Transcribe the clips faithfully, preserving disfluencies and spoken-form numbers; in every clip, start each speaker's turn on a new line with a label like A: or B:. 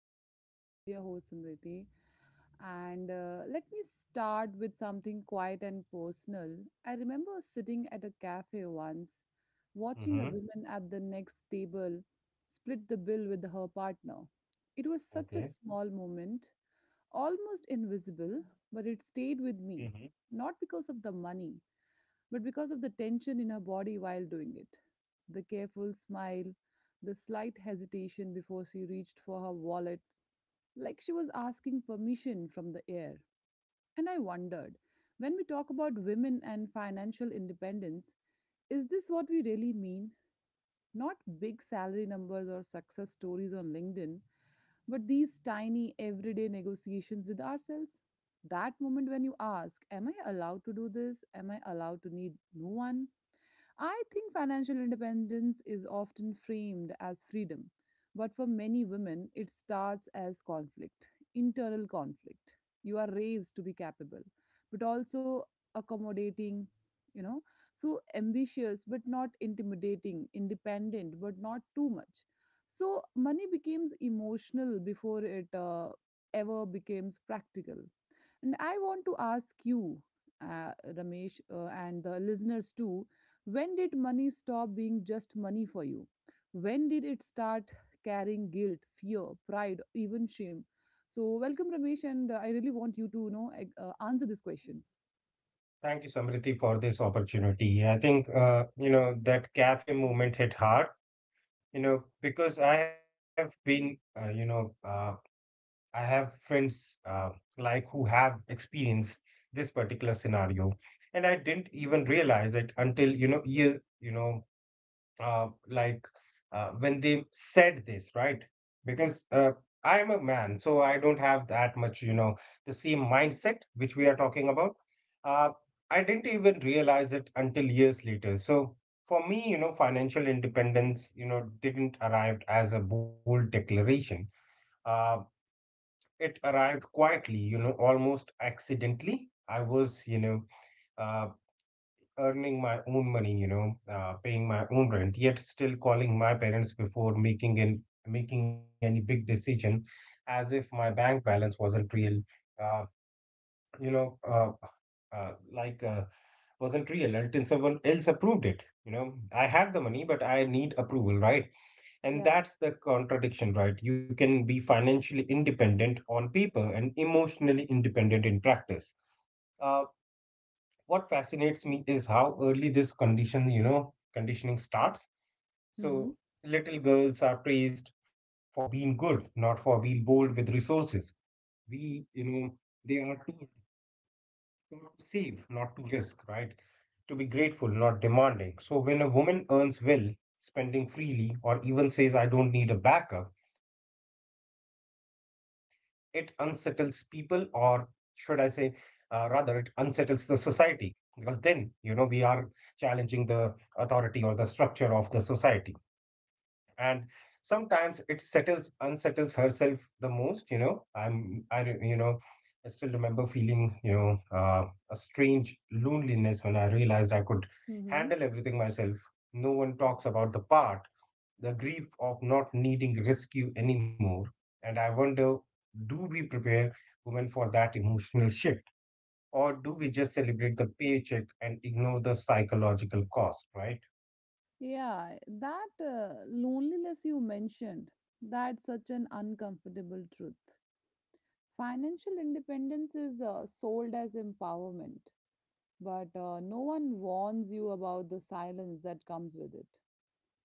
A: podcast with your host Samriti. And uh, Let me start with something quiet and personal. I remember sitting at a cafe once, watching a
B: Mm-hmm.
A: woman at the next table split the bill with her partner. It was such a
B: Okay.
A: small moment, almost invisible, but it stayed with me,
B: Hmm.
A: not because of the money but because of the tension in her body while doing it. The careful smile, the slight hesitation before she reached for her wallet, like she was asking permission from the air. And I wondered, when we talk about women and financial independence, is this what we really mean? Not big salary numbers or success stories on LinkedIn, but these tiny everyday negotiations with ourselves. That moment when you ask, am I allowed to do this? Am I allowed to need no one? I think financial independence is often framed as freedom, but for many women, it starts as conflict, internal conflict. You are raised to be capable, but also accommodating, you know, so ambitious but not intimidating, independent but not too much. So money becomes emotional before it uh, ever becomes practical. And I want to ask you, uh, Ramesh, uh, and the listeners too, when did money stop being just money for you? When did it start carrying guilt, fear, pride, even shame? So, welcome, Ramesh, and uh, I really want you to you know ex- uh, answer this question.
B: Thank you, Samriti, for this opportunity. I think uh, you know that cafe movement hit hard. You know, because I have been, uh, you know, uh, I have friends uh, like who have experienced this particular scenario, and I didn't even realize it until you know year, you know uh, like uh, when they said this, right? Because uh, I'm a man, so I don't have that much, you know, the same mindset which we are talking about. Uh, I didn't even realize it until years later. So for me, you know, financial independence, you know, didn't arrive as a bold declaration. Uh, it arrived quietly, you know, almost accidentally. I was, you know, uh, earning my own money, you know, uh, paying my own rent, yet still calling my parents before making an, making any big decision, as if my bank balance wasn't real, uh, you know, uh, uh, like uh, wasn't real until someone else approved it. You know, I had the money, but I need approval, right? And
A: Yeah.
B: that's the contradiction, right? You can be financially independent on paper and emotionally independent in practice. Uh, what fascinates me is how early this condition, you know, conditioning starts.
A: Mm-hmm.
B: So little girls are praised for being good, not for being bold with resources. We, you know, they are told not to save, not to risk, right? To be grateful, not demanding. So when a woman earns well, spending freely, or even says, I don't need a backup, it unsettles people, or should I say, uh, rather, it unsettles the society. Because then, you know, we are challenging the authority or the structure of the society. And sometimes it settles, unsettles herself the most, you know. I'm, I, re- you know, I still remember feeling, you know, uh, a strange loneliness when I realized I could
A: Mm-hmm.
B: handle everything myself. No one talks about the part, the grief of not needing rescue anymore. And I wonder, do we prepare women for that emotional shift? Or do we just celebrate the paycheck and ignore the psychological cost, right?
A: Yeah, that uh, loneliness you mentioned, that's such an uncomfortable truth. Financial independence is uh, sold as empowerment, but uh, no one warns you about the silence that comes with it.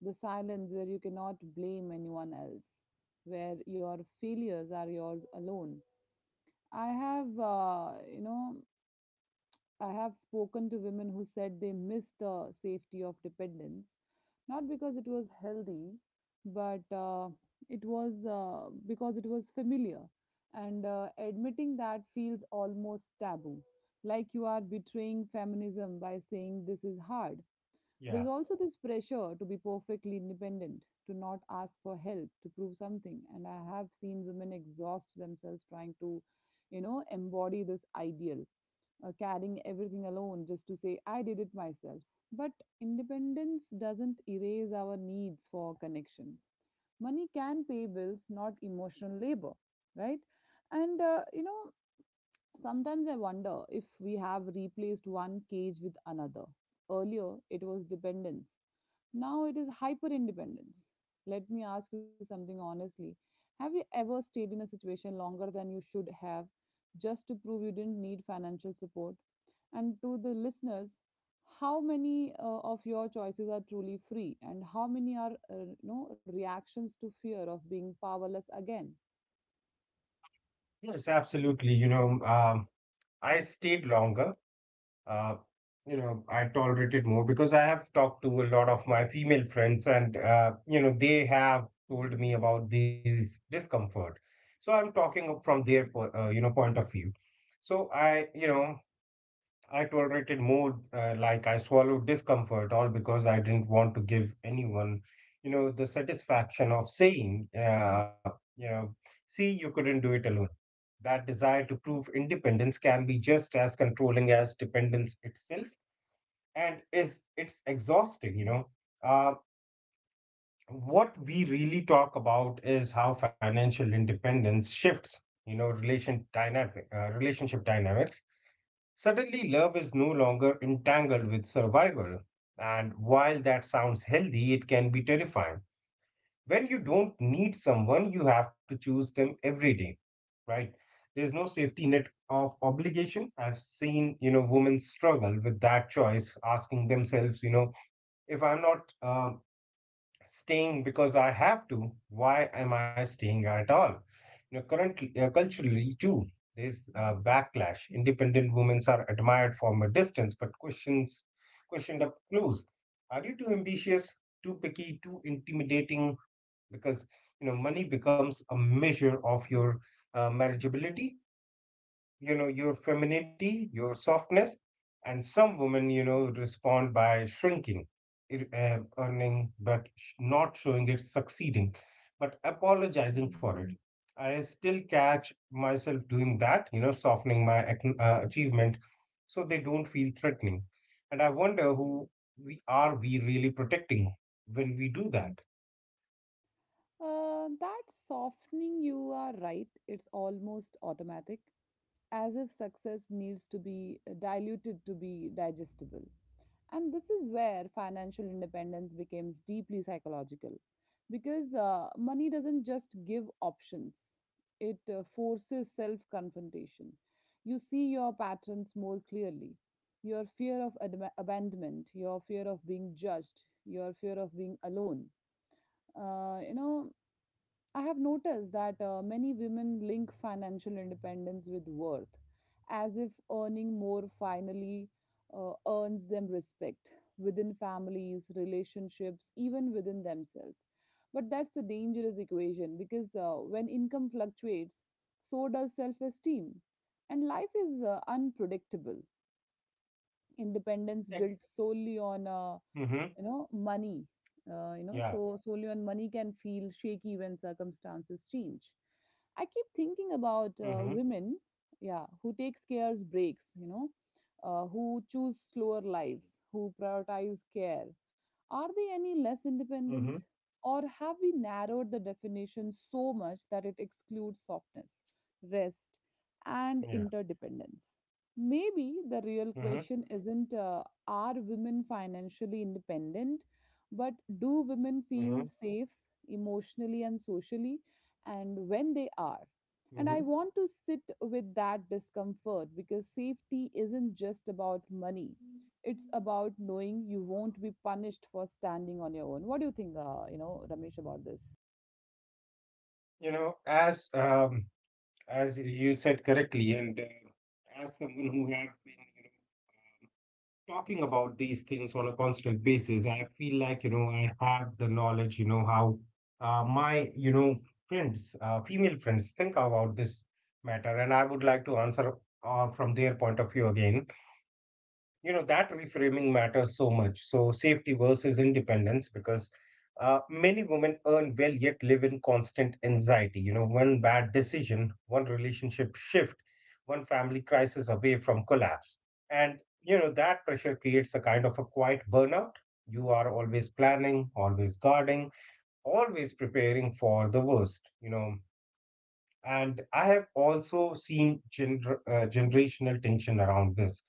A: The silence where you cannot blame anyone else, where your failures are yours alone. I have, uh, you know, I have spoken to women who said they miss the safety of dependence, not because it was healthy, but uh, it was uh, because it was familiar. And uh, admitting that feels almost taboo, like you are betraying feminism by saying this is hard. There's
B: Yeah.
A: also this pressure to be perfectly independent, to not ask for help, to prove something. And I have seen women exhaust themselves trying to, you know, embody this ideal, uh, carrying everything alone just to say, I did it myself. But independence doesn't erase our needs for connection. Money can pay bills, not emotional labor, right? And uh, you know, Sometimes I wonder if we have replaced one cage with another. Earlier, it was dependence. Now it is hyper independence. Let me ask you something honestly. Have you ever stayed in a situation longer than you should have just to prove you didn't need financial support? And to the listeners, how many uh, of your choices are truly free and how many are, uh, you know, reactions to fear of being powerless again?
B: Yes, absolutely. You know, um, I stayed longer. Uh, you know, I tolerated more because I have talked to a lot of my female friends, and uh, you know, they have told me about this discomfort. So I'm talking from their, po- uh, you know, point of view. So I, you know, I tolerated more, uh, like I swallowed discomfort, all because I didn't want to give anyone, you know, the satisfaction of saying, uh, you know, see, you couldn't do it alone. That desire to prove independence can be just as controlling as dependence itself, and is it's exhausting, you know. Uh, what we really talk about is how financial independence shifts, you know, relation dynamic, uh, relationship dynamics. Suddenly, love is no longer entangled with survival. And while that sounds healthy, it can be terrifying. When you don't need someone, you have to choose them every day, right? There's no safety net of obligation. I've seen, you know, women struggle with that choice, asking themselves, you know, if I'm not uh, staying because I have to. Why am I staying at all? You know, currently, uh, culturally too, there's a backlash. Independent women are admired from a distance, but questions questioned up close. Are you too ambitious, too picky, too intimidating? Because you know, money becomes a measure of your uh, marriageability, you know, your femininity, your softness, and some women, you know, respond by shrinking, ir- uh, earning, but sh- not showing it, succeeding, but apologizing for it. I still catch myself doing that, you know, softening my ac- uh, achievement so they don't feel threatening. And I wonder who we are we really protecting when we do that.
A: Uh, that softening, you are right, it's almost automatic, as if success needs to be uh, diluted to be digestible. And this is where financial independence becomes deeply psychological because uh, money doesn't just give options, it uh, forces self confrontation. You see your patterns more clearly. Your fear of adma- abandonment, your fear of being judged, your fear of being alone. Uh, you know, I have noticed that uh, many women link financial independence with worth, as if earning more finally uh, earns them respect within families, relationships, even within themselves. But that's a dangerous equation because uh, when income fluctuates, so does self esteem. And life is uh, unpredictable. Independence built solely on uh, you know
B: Mm-hmm.
A: money uh, you know so
B: Yeah.
A: solely on money can feel shaky when circumstances change. I keep thinking
B: Mm-hmm.
A: about uh, women, yeah, who take scarce breaks, you know, uh, who choose slower lives, who prioritize care. Are they any less
B: Mm-hmm.
A: independent, or have we narrowed the definition so much that it excludes softness, rest,
B: Yeah.
A: and interdependence? Maybe the real
B: Mm-hmm.
A: question isn't, uh, are women financially independent, but do women
B: Mm-hmm.
A: feel safe emotionally and socially, and when they are?
B: Mm-hmm.
A: And I want to sit with that discomfort because safety isn't just about money. It's about knowing you won't be punished for standing on your own. What do you think, uh, you know, Ramesh, about this?
B: You know, as um, as you said correctly, and uh, as someone who have been, you know, um, talking about these things on a constant basis, I feel like, you know, I have the knowledge, you know, how uh, my, you know, friends, uh, female friends think about this matter, and I would like to answer uh, from their point of view again. You know that reframing matters so much, so safety versus independence, because uh, many women earn well yet live in constant anxiety. You know, one bad decision, one relationship shift, one family crisis away from collapse. And you know that pressure creates a kind of a quiet burnout. You are always planning, always guarding, always preparing for the worst, you know. And I have also seen gener- uh, generational tension around this.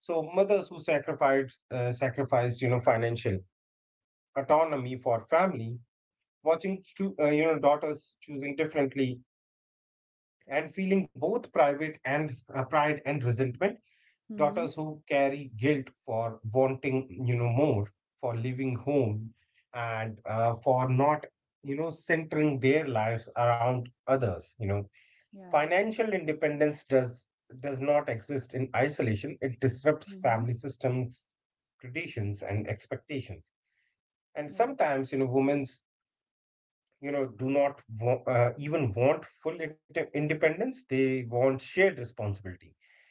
B: So mothers who sacrificed uh, sacrificed you know financial autonomy for family, watching two uh, you know daughters choosing differently and feeling both private and uh, pride and resentment.
A: Mm-hmm.
B: Daughters who carry guilt for wanting, you know, more, for leaving home, and uh, for not, you know, centering their lives around others. You know.
A: Yeah.
B: Financial independence does does not exist in isolation. It disrupts
A: Mm-hmm.
B: family systems, traditions, and expectations. And
A: Yeah.
B: sometimes, you know, women's, you know, do not wa- uh, even want full inde- independence. They want shared responsibility.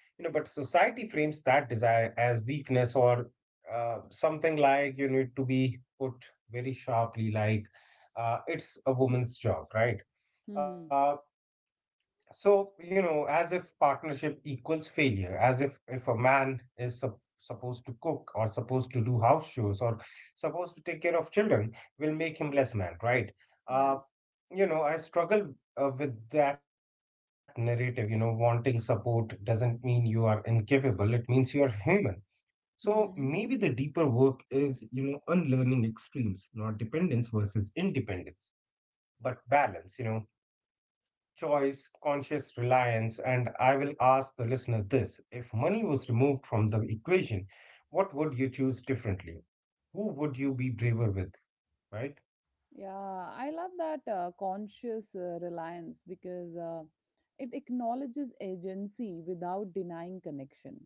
B: You know, but society frames that desire as weakness, or uh, something like, you need to be put very sharply, like, uh, it's a woman's job, right?
A: Mm-hmm.
B: Uh, So, you know, as if partnership equals failure, as if if a man is sup- supposed to cook or supposed to do house shows or supposed to take care of children will make him less man, right?
A: Yeah.
B: Uh, you know, I struggle uh, with that narrative. You know, wanting support doesn't mean you are incapable, it means you are human. So maybe the
A: Mm-hmm.
B: deeper work is, you know, unlearning extremes, not dependence versus independence, but balance, you know, choice, conscious reliance. And I will ask the listener this: if money was removed from the equation, what would you choose differently? Who would you be braver with? Right?
A: Yeah, I love that uh, conscious uh, reliance because uh, it acknowledges agency without denying connection.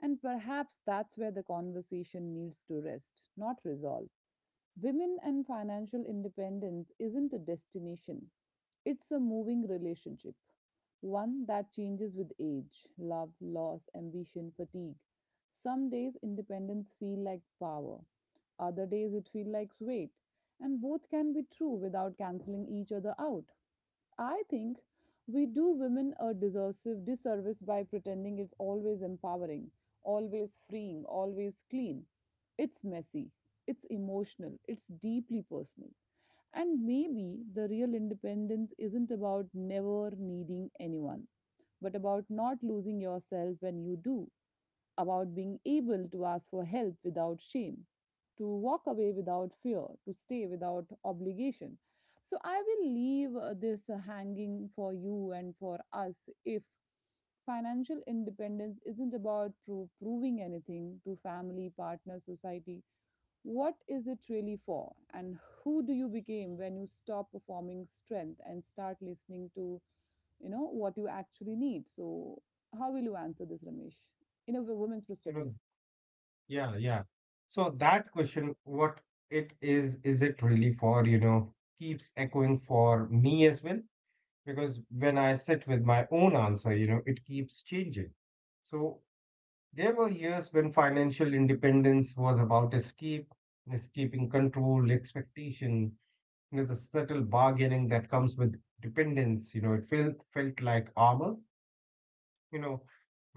A: And perhaps that's where the conversation needs to rest, not resolve. Women and financial independence isn't a destination, it's a moving relationship, one that changes with age, love, loss, ambition, fatigue. Some days independence feel like power, other days it feels like weight, and both can be true without canceling each other out. I think we do women a disservice disservice by pretending it's always empowering, always freeing, always clean. It's messy, it's emotional, it's deeply personal. And maybe the real independence isn't about never needing anyone, but about not losing yourself when you do, about being able to ask for help without shame, to walk away without fear, to stay without obligation. So I will leave uh, this uh, hanging for you and for us. If financial independence isn't about pro- proving anything to family, partner, society, what is it really for? And who do you become when you stop performing strength and start listening to, you know, what you actually need? So, how will you answer this, Ramesh, in a woman's
B: You know,
A: perspective?
B: yeah, yeah. So that question, what it is, is it really for, you know, keeps echoing for me as well? Because when I sit with my own answer, you know, it keeps changing. So there were years when financial independence was about escape, escaping control, expectation, you know, the subtle bargaining that comes with dependence. You know, it felt felt like armor, you know,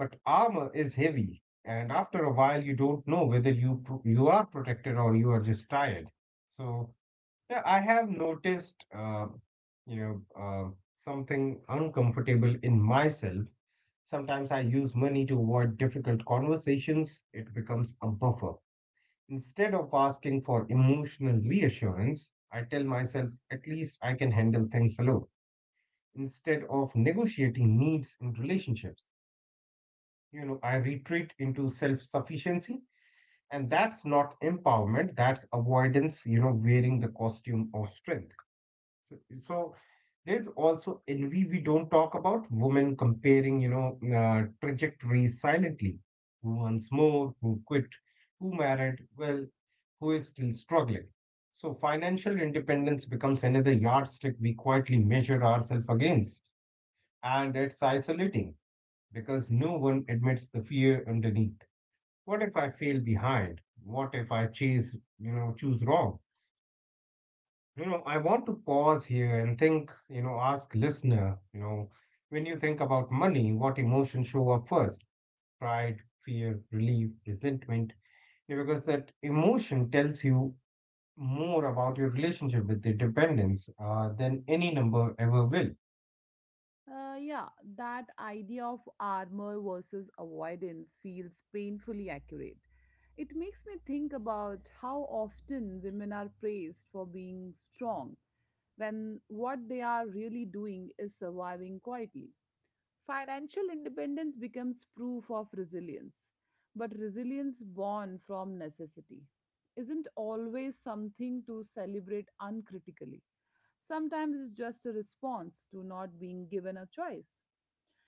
B: but armor is heavy, and after a while, you don't know whether you pro- you are protected or you are just tired. So, yeah, I have noticed, uh, you know, uh, something uncomfortable in myself. Sometimes I use money to avoid difficult conversations. It becomes a buffer. Instead of asking for emotional reassurance, I tell myself at least I can handle things alone. Instead of negotiating needs in relationships, you know, I retreat into self sufficiency. And that's not empowerment, that's avoidance, you know, wearing the costume of strength. So, so There's also envy. We don't talk about women comparing, you know, uh, trajectories silently. Who earns more? Who quit? Who married? Well, who is still struggling? So financial independence becomes another yardstick we quietly measure ourselves against. And it's isolating because no one admits the fear underneath. What if I fail behind? What if I chase, you know, choose wrong? You know, I want to pause here and think, you know, ask listener, you know, when you think about money, what emotions show up first? Pride, fear, relief, resentment. You know, because that emotion tells you more about your relationship with the dependence uh, than any number ever will.
A: Uh, yeah, that idea of armor versus avoidance feels painfully accurate. It makes me think about how often women are praised for being strong when what they are really doing is surviving quietly. Financial independence becomes proof of resilience, but resilience born from necessity isn't always something to celebrate uncritically. Sometimes it's just a response to not being given a choice.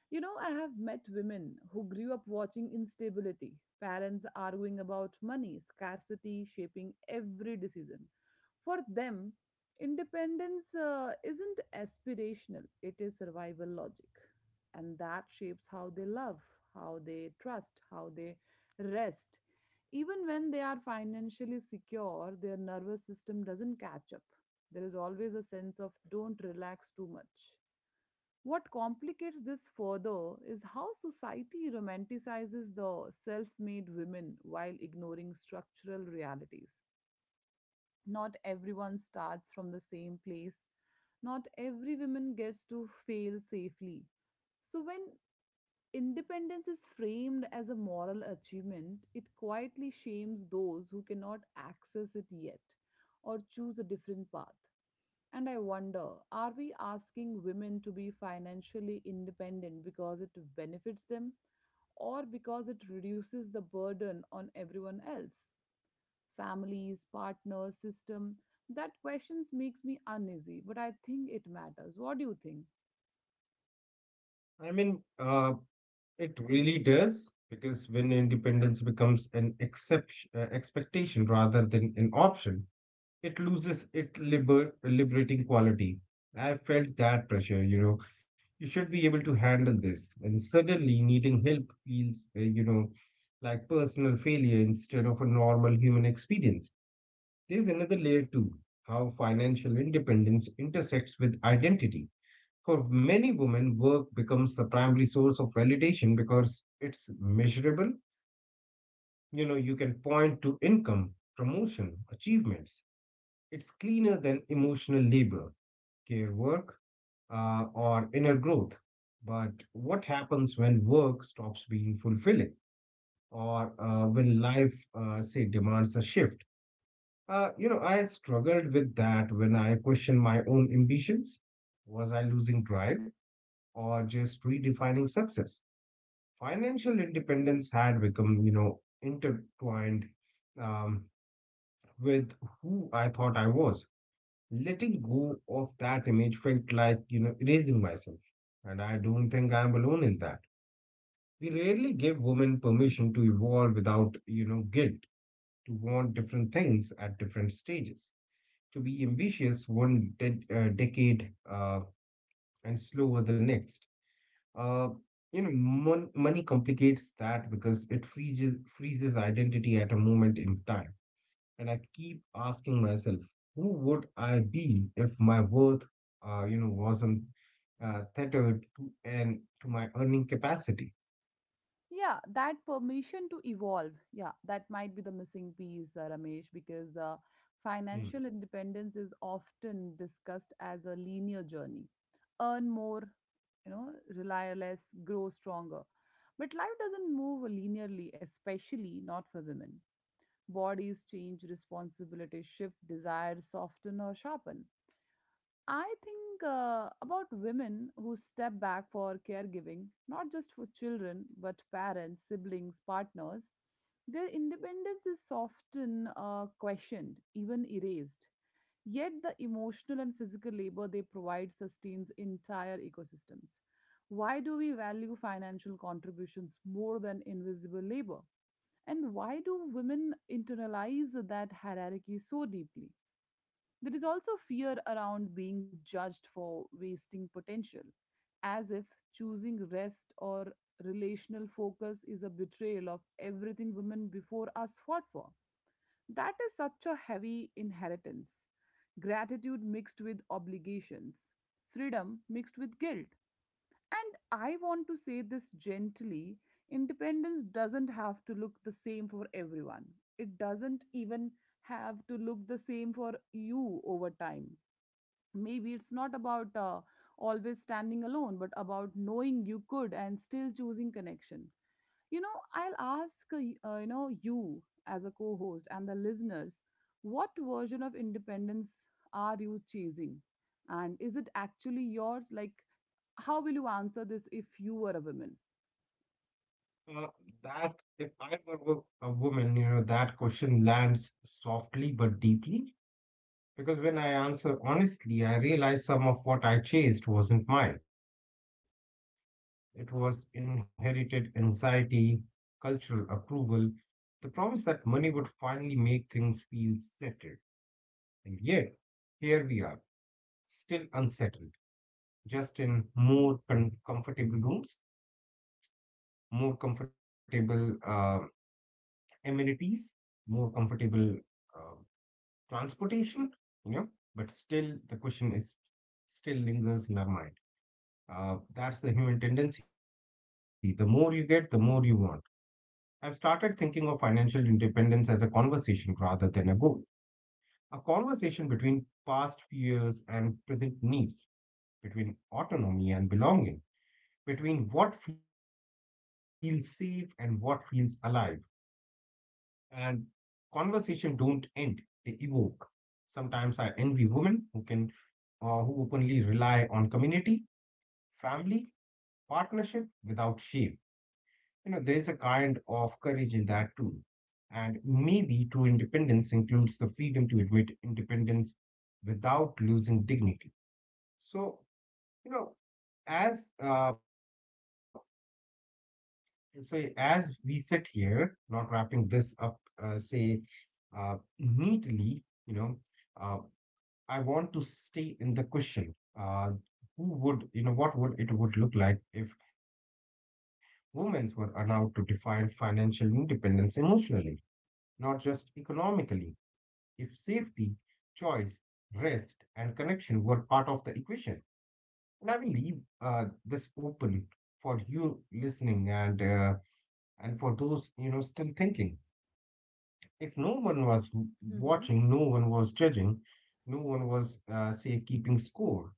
A: You know, I have met women who grew up watching instability, parents arguing about money, scarcity shaping every decision. For them, independence uh, isn't aspirational, it is survival logic. And that shapes how they love, how they trust, how they rest. Even when they are financially secure, their nervous system doesn't catch up. There is always a sense of, don't relax too much. What complicates this further is how society romanticizes the self made women while ignoring structural realities. Not everyone starts from the same place, not every woman gets to fail safely. So, when independence is framed as a moral achievement, it quietly shames those who cannot access it yet or choose a different path. And I wonder, are we asking women to be financially independent because it benefits them or because it reduces the burden on everyone else? Families, partners, system. That questions makes me uneasy, but I think it matters. What do you think?
B: I mean, uh, it really does because when independence becomes an exception, uh, expectation rather than an option, it loses its liber- liberating quality. I felt that pressure, you know. You should be able to handle this. And suddenly needing help feels, uh, you know, like personal failure instead of a normal human experience. There's another layer too: how financial independence intersects with identity. For many women, work becomes the primary source of validation because it's measurable. You know, you can point to income, promotion, achievements. It's cleaner than emotional labor, care work, uh, or inner growth. But what happens when work stops being fulfilling, or uh, when life, uh, say, demands a shift? Uh, you know, I struggled with that when I questioned my own ambitions. Was I losing drive or just redefining success? Financial independence had become, you know, intertwined, um, with who I thought I was. Letting go of that image felt like, you know, erasing myself. And I don't think I am alone in that. We rarely give women permission to evolve without, you know, guilt, to want different things at different stages, to be ambitious one de- uh, decade uh, and slower the next. Uh, you know, mon- money complicates that because it freezes, freezes identity at a moment in time, and I keep asking myself, who would I be if my worth, uh, you know, wasn't uh, tethered to and to my earning capacity?
A: Yeah, that permission to evolve. Yeah, that might be the missing piece, uh, Ramesh, because uh,
B: Hmm.
A: financial independence is often discussed as a linear journey. Earn more, you know, rely less, grow stronger. But life doesn't move linearly, especially not for women. Bodies change, responsibilities shift, desires soften or sharpen. I think uh, about women who step back for caregiving, not just for children, but parents, siblings, partners. Their independence is often uh, questioned, even erased. Yet the emotional and physical labor they provide sustains entire ecosystems. Why do we value financial contributions more than invisible labor? And why do women internalize that hierarchy so deeply? There is also fear around being judged for wasting potential, as if choosing rest or relational focus is a betrayal of everything women before us fought for. That is such a heavy inheritance. Gratitude mixed with obligations, freedom mixed with guilt. And I want to say this gently: independence doesn't have to look the same for everyone. It doesn't even have to look the same for you over time. Maybe it's not about uh, always standing alone but about knowing you could and still choosing connection. You know, I'll ask uh, y- uh, you know you, as a co-host, and the listeners, what version of independence are you chasing, and is it actually yours? Like, how will you answer this if you were a woman?
B: Uh, that if I were wo- a woman, you know, that question lands softly but deeply, because when I answer honestly, I realize some of what I chased wasn't mine. It was inherited anxiety, cultural approval, the promise that money would finally make things feel settled. And yet, here we are, still unsettled, just in more con- comfortable rooms, more comfortable uh, amenities, more comfortable uh, transportation, you know, but still the question is still lingers in our mind. Uh, that's the human tendency. The more you get, the more you want. I've started thinking of financial independence as a conversation rather than a goal, a conversation between past fears and present needs, between autonomy and belonging, between what feels safe and what feels alive. And conversation don't end, they evoke. Sometimes I envy women who can uh, who openly rely on community, family, partnership without shame. You know, there's a kind of courage in that too. And maybe true independence includes the freedom to admit independence without losing dignity. So, you know, as uh, So as we sit here, not wrapping this up, uh, say, uh, neatly, you know, uh, I want to stay in the question. Uh, who would, you know, what would it would look like if women were allowed to define financial independence emotionally, not just economically? If safety, choice, rest, and connection were part of the equation. And I will leave uh, this open for you listening, and uh, and for those, you know, still thinking. If no one was w-
A: Hmm.
B: watching, no one was judging, no one was, uh, say, keeping score,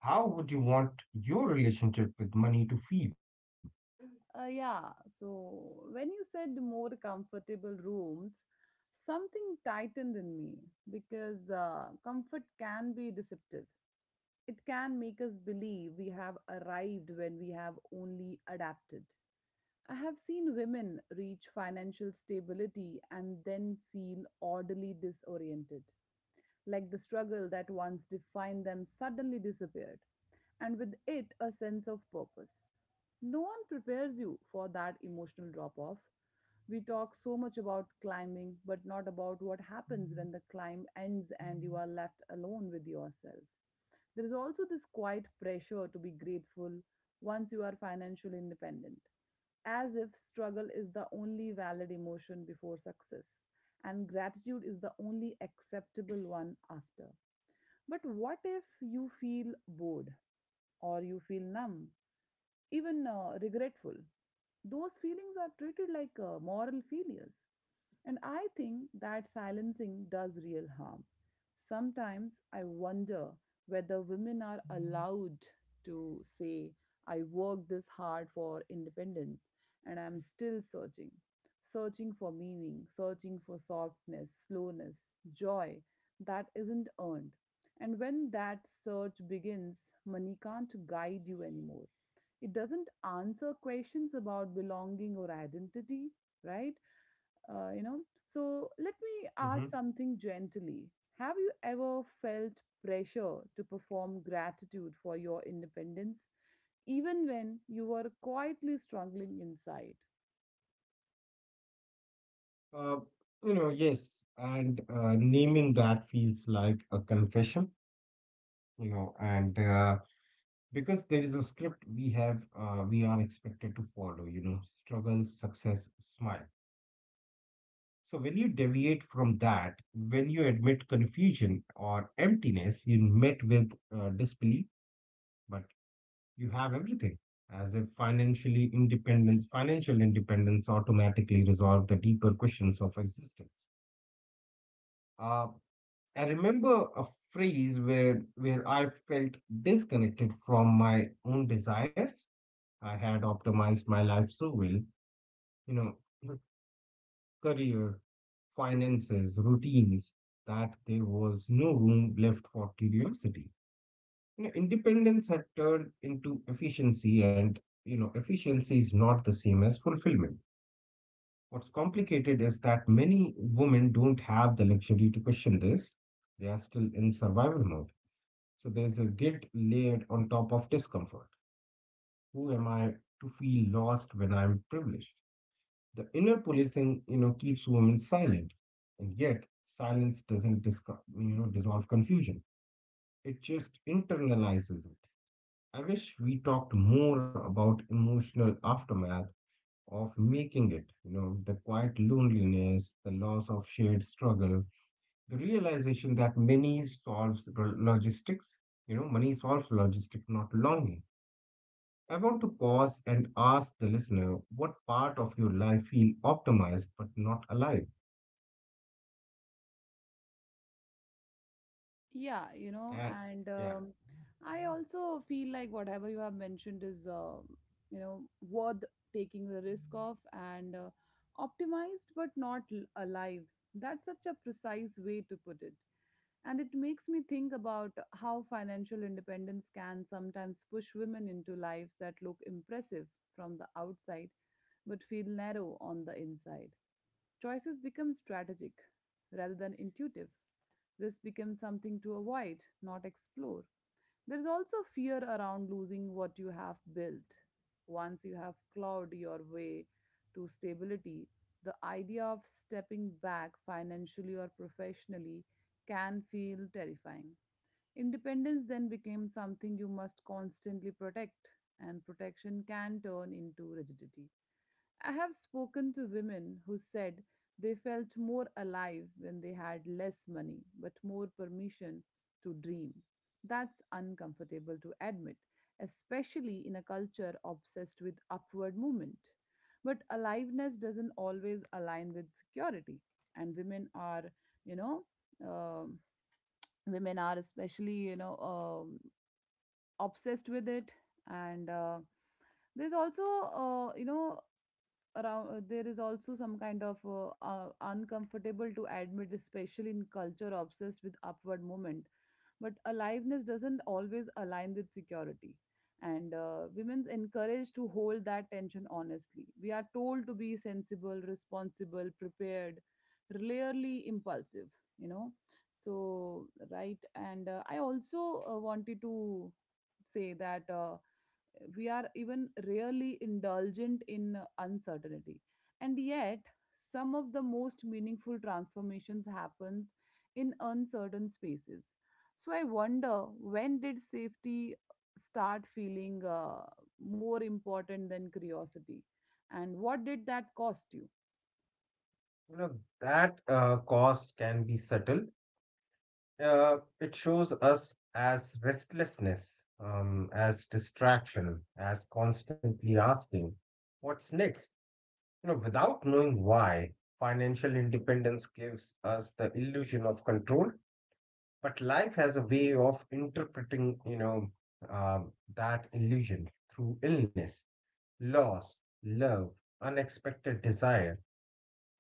B: how would you want your relationship with money to feel?
A: uh, Yeah, so when you said more comfortable rooms, something tightened in me because uh, comfort can be deceptive. It can make us believe we have arrived when we have only adapted. I have seen women reach financial stability and then feel oddly disoriented, like the struggle that once defined them suddenly disappeared, and with it, a sense of purpose. No one prepares you for that emotional drop off. We talk so much about climbing, but not about what happens when the climb ends and you are left alone with yourself. There is also this quiet pressure to be grateful once you are financially independent, as if struggle is the only valid emotion before success, and gratitude is the only acceptable one after. But what if you feel bored, or you feel numb, even uh, regretful. Those feelings are treated like uh, moral failures. And I think that silencing does real harm. Sometimes I wonder whether women are allowed to say, I worked this hard for independence and I'm still searching. Searching for meaning, searching for softness, slowness, joy that isn't earned. And when that search begins, money can't guide you anymore. It doesn't answer questions about belonging or identity, right? Uh, you know, so let me
B: Hmm.
A: ask something gently. Have you ever felt pressure to perform gratitude for your independence, even when you were quietly struggling inside?
B: Uh, you know, yes, and uh, naming that feels like a confession, you know, and uh, because there is a script we have, uh, we are expected to follow, you know, struggle, success, smile. So when you deviate from that, when you admit confusion or emptiness, you met with uh, disbelief, but you have everything. As if financially independence, financial independence automatically resolves the deeper questions of existence. Uh, I remember a phrase where where I felt disconnected from my own desires. I had optimized my life so well, you know, career, finances, routines, that there was no room left for curiosity. You know, independence had turned into efficiency, and you know, efficiency is not the same as fulfillment. What's complicated is that many women don't have the luxury to question this. They are still in survival mode. So there's a guilt layered on top of discomfort. Who am I to feel lost when I'm privileged? The inner policing, you know, keeps women silent, and yet silence doesn't disco- you know dissolve confusion. It just internalizes it. I wish we talked more about emotional aftermath of making it, you know, the quiet loneliness, the loss of shared struggle, the realization that money solves lo- logistics, you know, money solves logistics, not longing. I want to pause and ask the listener what part of your life feel optimized but not alive.
A: Yeah, you know,
B: Yeah,
A: and
B: yeah.
A: um, I also feel like whatever you have mentioned is, uh, you know, worth taking the risk of and uh, optimized but not l- alive. That's such a precise way to put it. And it makes me think about how financial independence can sometimes push women into lives that look impressive from the outside but feel narrow on the inside. Choices become strategic rather than intuitive. Risk becomes something to avoid, not explore. There is also fear around losing what you have built. Once you have clawed your way to stability, the idea of stepping back financially or professionally can feel terrifying. Independence then became something you must constantly protect, and protection can turn into rigidity. I have spoken to women who said they felt more alive when they had less money, but more permission to dream. That's uncomfortable to admit, especially in a culture obsessed with upward movement. But aliveness doesn't always align with security, and women are, you know, um women are especially, you know, um obsessed with it. And uh, there's also, uh, you know, around uh, There is also some kind of uh, uh, uncomfortable to admit, especially in culture obsessed with upward movement, but aliveness doesn't always align with security, and uh, women's encouraged to hold that tension. Honestly, we are told to be sensible, responsible, prepared, rarely impulsive, you know. So right, and uh, I also uh, wanted to say that uh, we are even rarely indulgent in uh, uncertainty, and yet some of the most meaningful transformations happens in uncertain spaces. So I wonder, when did safety start feeling uh, more important than curiosity, and what did that cost you?
B: You know, that uh, cost can be subtle. Uh, it shows us as restlessness, um, as distraction, as constantly asking, what's next? You know, without knowing why, financial independence gives us the illusion of control, but life has a way of interpreting, you know, um, that illusion through illness, loss, love, unexpected desire.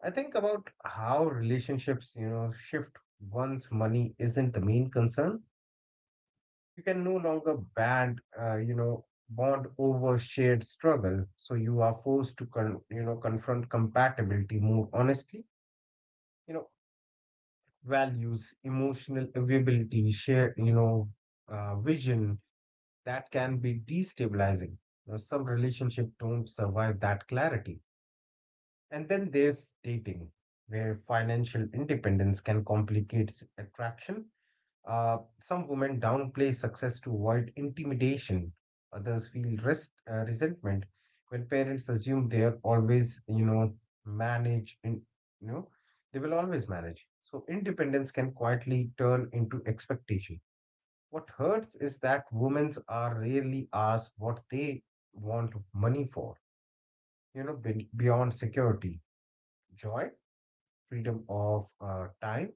B: I think about how relationships, you know, shift once money isn't the main concern. You can no longer band, uh, you know, bond over shared struggle. So you are forced to, con- you know, confront compatibility more honestly. You know, values, emotional availability, share, you know, uh, vision that can be destabilizing. You know, some relationships don't survive that clarity. And then there's dating, where financial independence can complicate s- attraction. Uh, some women downplay success to avoid intimidation. Others feel rest, uh, resentment when parents assume they are always, you know, manage. In, you know, they will always manage. So independence can quietly turn into expectation. What hurts is that women are rarely asked what they want money for. You know, be- beyond security, joy, freedom of uh, time,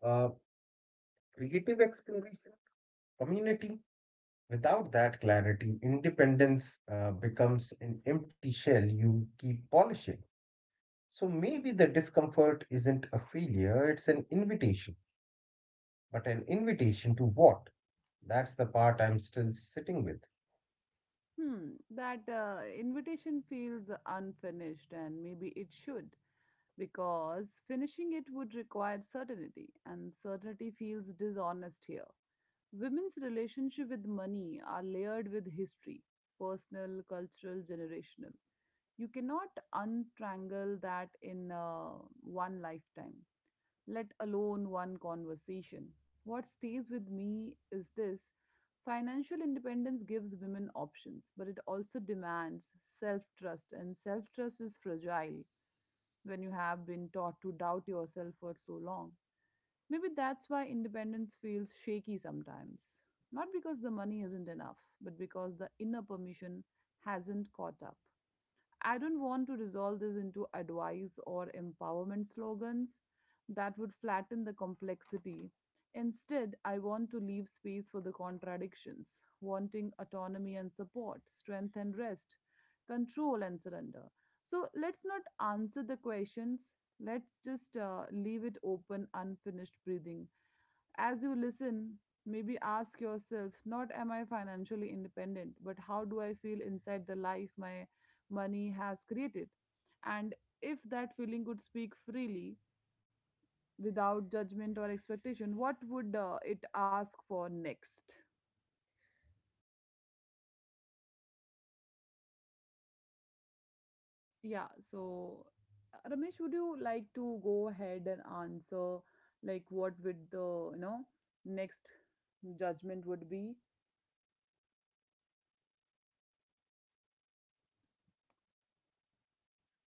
B: uh, creative exploration, community. Without that clarity, independence uh, becomes an empty shell you keep polishing. So maybe the discomfort isn't a failure, it's an invitation. But an invitation to what? That's the part I'm still sitting with.
A: Hmm. That uh, invitation feels unfinished, and maybe it should, because finishing it would require certainty, and certainty feels dishonest here. Women's relationship with money are layered with history, personal, cultural, generational. You cannot untrangle that in uh, one lifetime, let alone one conversation. What stays with me is this: financial independence gives women options, but it also demands self trust, and self trust is fragile when you have been taught to doubt yourself for so long. Maybe that's why independence feels shaky sometimes. Not because the money isn't enough, but because the inner permission hasn't caught up. I don't want to resolve this into advice or empowerment slogans that would flatten the complexity. Instead, I want to leave space for the contradictions, wanting autonomy and support, strength and rest, control and surrender. So let's not answer the questions, let's just uh, leave it open, unfinished, breathing. As you listen, maybe ask yourself not am I financially independent, but how do I feel inside the life my money has created. And if that feeling could speak freely without judgment or expectation, what would uh, it ask for next?
B: Yeah, I mean, uh, when you said, how do, you know,
A: Yeah,
B: I
A: so
B: feel
A: uh, Ramesh,
B: inside
A: would you
B: uh,
A: like
B: the
A: to
B: life
A: go
B: my
A: ahead
B: money
A: and
B: has
A: answer
B: created?
A: like what would
B: So
A: the, you know,
B: you know,
A: next
B: it made me
A: judgment would
B: realize
A: be?
B: how uh, rarely, w- uh, you know, we pause to actually inhabit that life.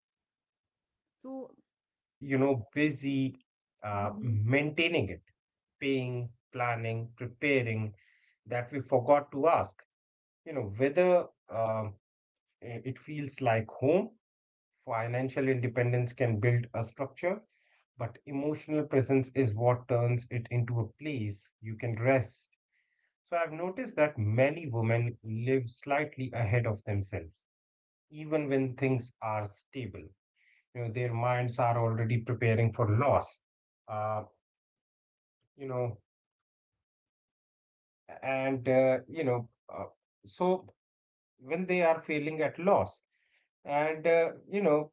B: Uh, we
A: So,
B: are still, you know, busy uh,
A: mhm.
B: maintaining it, paying, planning, preparing, that we forgot to ask, you know, whether um, i- it feels like home. Financial independence can build a structure, but emotional presence is what turns it into a place you can rest. So I've noticed that many women live slightly ahead of themselves, even when things are stable. You know, their minds are already preparing for loss. Uh, you know, and uh, you know, uh, so when they are feeling at loss, and uh, you know,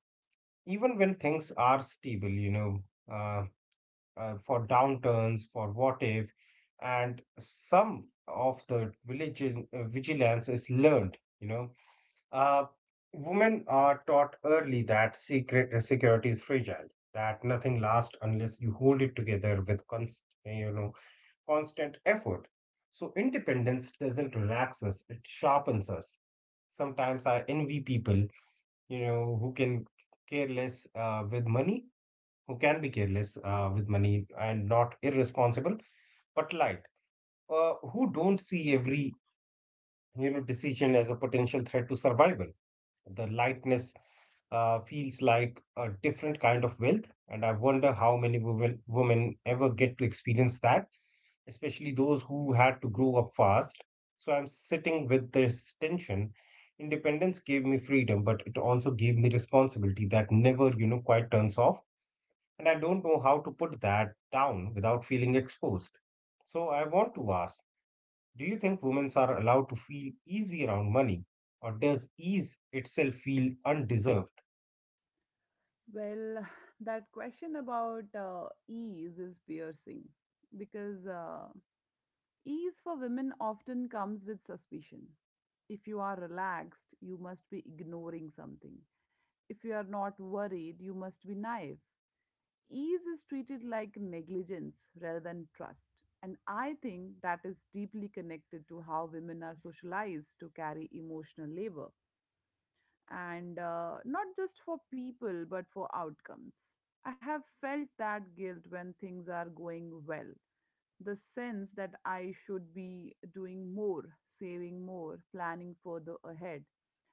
B: even when things are stable, you know, uh, uh, for downturns, for what if, and some of the vigil- uh, vigilance is learned. You know, Uh, women are taught early that secret security is fragile, that nothing lasts unless you hold it together with const, you know constant effort. So independence doesn't relax us; it sharpens us. Sometimes I envy people, you know, who can care less uh, with money, who can be careless uh, with money and not irresponsible, but light, uh, who don't see every you know decision as a potential threat to survival. The lightness uh, feels like a different kind of wealth, and I wonder how many women, women ever get to experience that, especially those who had to grow up fast. So I'm sitting with this tension. Independence gave me freedom, but it also gave me responsibility that never, you know, quite turns off. And I don't know how to put that down without feeling exposed. So I want to ask, do you think women are allowed to feel easy around money, or does ease itself feel undeserved?
A: Well, that question about uh, ease is piercing, because uh, ease for women often comes with suspicion. If you are relaxed, you must be ignoring something. If you are not worried, you must be naive. Ease is treated like negligence rather than trust. And I think that is deeply connected to how women are socialized to carry emotional labor. And uh, not just for people, but for outcomes. I have felt that guilt when things are going well, the sense that I should be doing more, saving more, planning further ahead,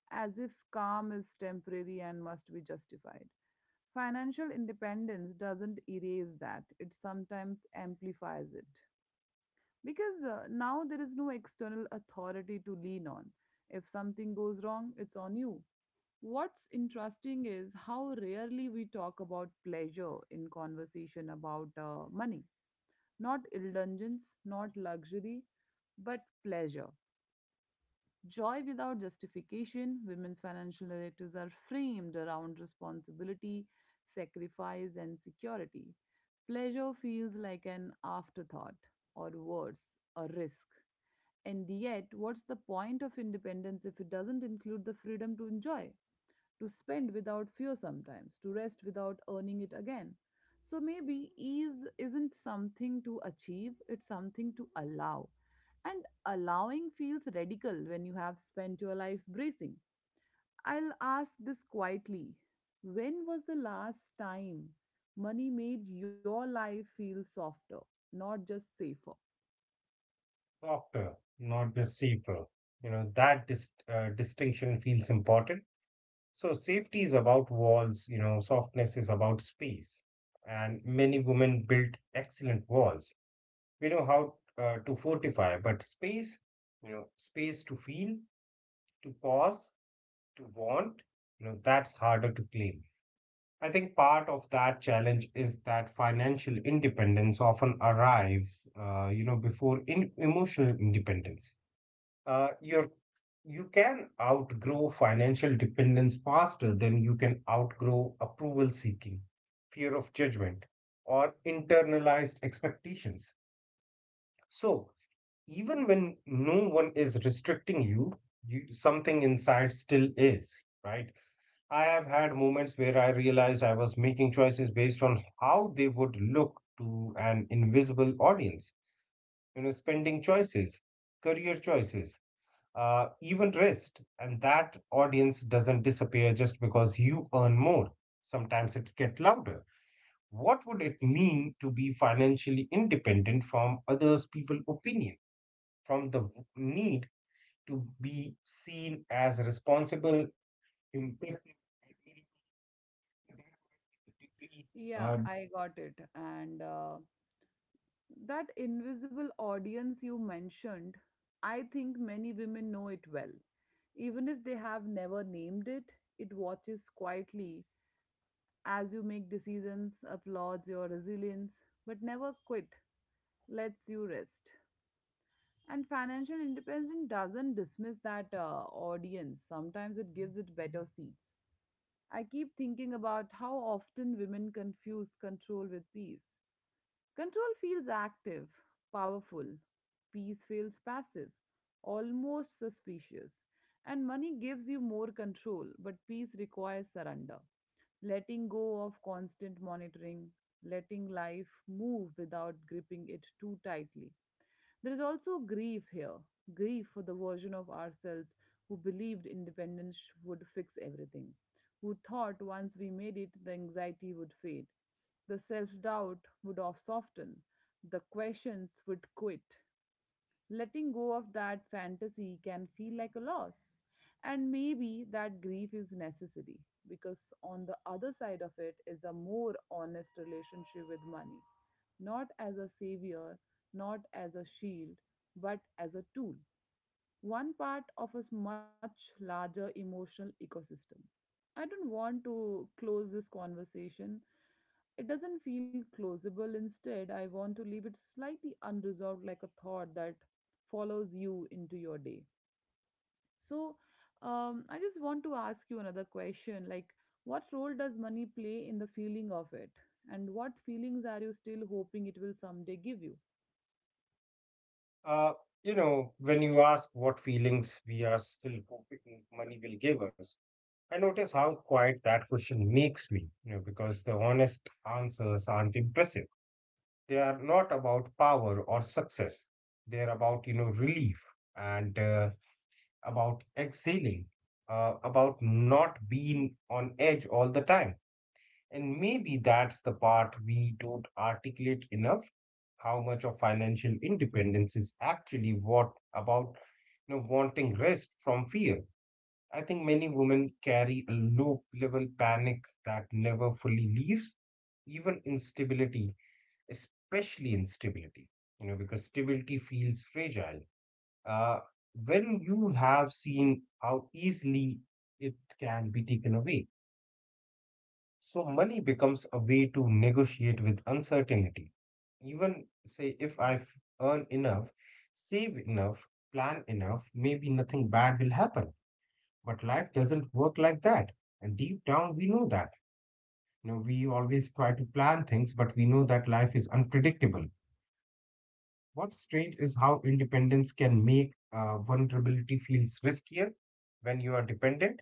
A: as if calm is temporary and must be justified. Financial independence doesn't erase that, it sometimes amplifies it. Because uh, now there is no external authority to lean on. If something goes wrong, it's on you. What's interesting is how rarely we talk about pleasure in conversation about uh, money, not indulgence, not luxury, but pleasure. Joy without justification. Women's financial narratives are framed around responsibility, sacrifice, and security. Pleasure feels like an afterthought, or worse, a risk. And yet, what's the point of independence if it doesn't include the freedom to enjoy? To spend without fear sometimes, to rest without earning it again. So maybe ease isn't something to achieve, it's something to allow. And allowing feels radical when you have spent your life bracing. I'll ask this quietly: when was the last time money made your life feel softer, not just safer?
B: Softer, not deceiver. You know, that dis- uh, distinction feels important. So, safety is about walls, you know, softness is about space. And many women built excellent walls. We know how uh, to fortify, but space, you know, space to feel, to pause, to want, you know, that's harder to claim. I think part of that challenge is that financial independence often arrives, uh, you know, before in- emotional independence. uh, you're you can outgrow financial dependence faster than you can outgrow approval seeking, fear of judgment, or internalized expectations. So, even when no one is restricting you, you something inside still is, right? I have had moments where I realized I was making choices based on how they would look to an invisible audience, you know, spending choices, career choices, uh, even rest. And that audience doesn't disappear just because you earn more. Sometimes it's get louder. What would it mean to be financially independent from others people opinion, from the w- need to be seen as responsible, impressive, and able to adapt to degree,
A: Yeah, I got it. And uh, That invisible audience you mentioned, I think many women know it well. Even if they have never named it, it watches quietly as you make decisions, applauds your resilience, but never quit, lets you rest. And financial independence doesn't dismiss that uh, audience, sometimes it gives it better seats. I keep thinking about how often women confuse control with peace. Control feels active, powerful. Peace feels passive, almost suspicious. And money gives you more control, but peace requires surrender. Letting go of constant monitoring, letting life move without gripping it too tightly. There is also grief here, grief for the version of ourselves who believed independence would fix everything, who thought once we made it, the anxiety would fade, the self doubt would off soften, the questions would quit. Letting go of that fantasy can feel like a loss. And maybe that grief is necessary, because on the other side of it is a more honest relationship with money, not as a savior, not as a shield, but as a tool, one part of a much larger emotional ecosystem. I don't want to close this conversation. It doesn't feel closable. Instead, I want to leave it slightly unresolved, like a thought that follows you into your day. So, um, I just want to ask you another question like, what role does money play in the feeling of it? And what feelings are you still hoping it will someday give you?
B: uh, uh, you know, when you ask what feelings we are still hoping money will give us, I notice how quiet that question makes me, you know, because the honest answers aren't impressive. They are not about power or success. They're about, you know, relief and uh, about exhaling, uh, about not being on edge all the time. And maybe that's the part we don't articulate enough, how much of financial independence is actually what about, you know, wanting rest from fear. I think many women carry a low level panic that never fully leaves, even instability, especially instability, you know, because stability feels fragile. Uh, when you have seen how easily it can be taken away, so money becomes a way to negotiate with uncertainty. Even say, if I've earned enough, save enough, plan enough, maybe nothing bad will happen, but life doesn't work like that. And deep down, we know that. You know, we always try to plan things, but we know that life is unpredictable. What's strange is how independence can make uh, vulnerability feels riskier when you are dependent.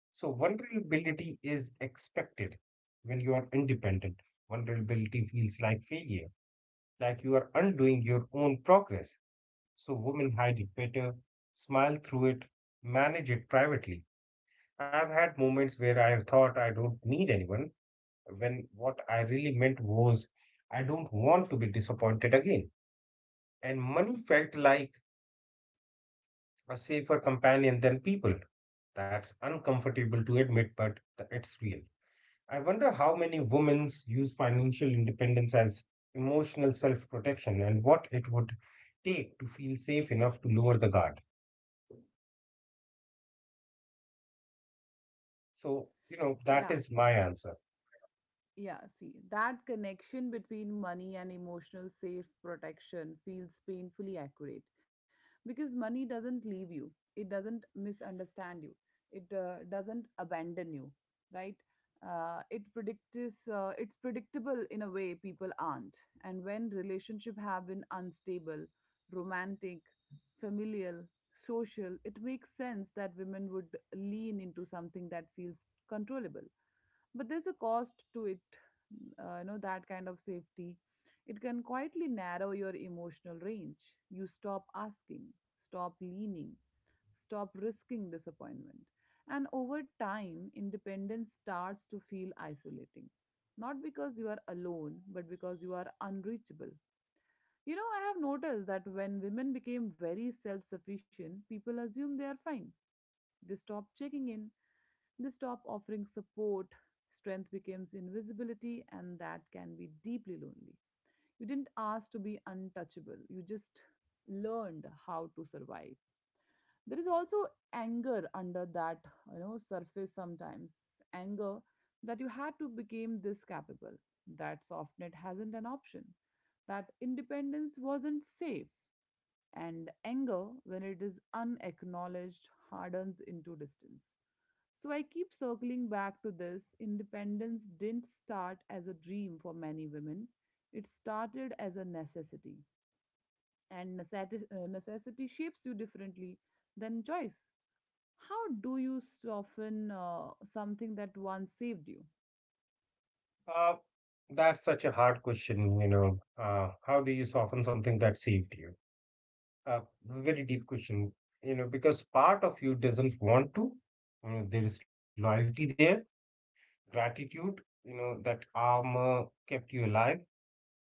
B: So vulnerability is expected when you are independent. Vulnerability feels like failure, like you are undoing your own progress. So women hide it better, smile through it, manage it privately. I've had moments where I thought I don't need anyone, when what I really meant was I don't want to be disappointed again. And money felt like a safer companion than people. That's uncomfortable to admit, but th- it's real. I wonder how many women use financial independence as emotional self protection and what it would take to feel safe enough to lower the guard. So, you know, that
A: Yeah.
B: is my answer.
A: Yeah, see, that connection between money and emotional safe protection feels painfully accurate, because money doesn't leave you, it doesn't misunderstand you, it uh, doesn't abandon you, right? Uh, it predicts, uh, it's predictable in a way people aren't. And when relationships have been unstable, romantic, familial, social, it makes sense that women would lean into something that feels controllable. But there's a cost to it, uh, you know, that kind of safety, it can quietly narrow your emotional range. You stop asking, stop leaning, stop risking disappointment, and over time independence starts to feel isolating, not because you are alone, but because you are unreachable. You know, I have noticed that when women became very self sufficient, people assume they are fine. They stop checking in, they stop offering support. Strength becomes invisibility, and that can be deeply lonely. You didn't ask to be untouchable, you just learned how to survive. There is also anger under that, you know, surface sometimes, anger that you had to become this capable, that softnet hasn't an option, that independence wasn't safe. And anger, when it is unacknowledged, hardens into distance. So I keep circling back to this. Independence didn't start as a dream for many women, it started as a necessity. And necessity, uh, necessity shapes you differently than choice. How do you soften uh, something that once saved you?
B: Uh, that's such a hard question, you know. Uh, how do you soften something that saved you? Uh, Very deep question, you know, because part of you doesn't want to. You know, there is loyalty there, gratitude, you know, that armor kept you alive,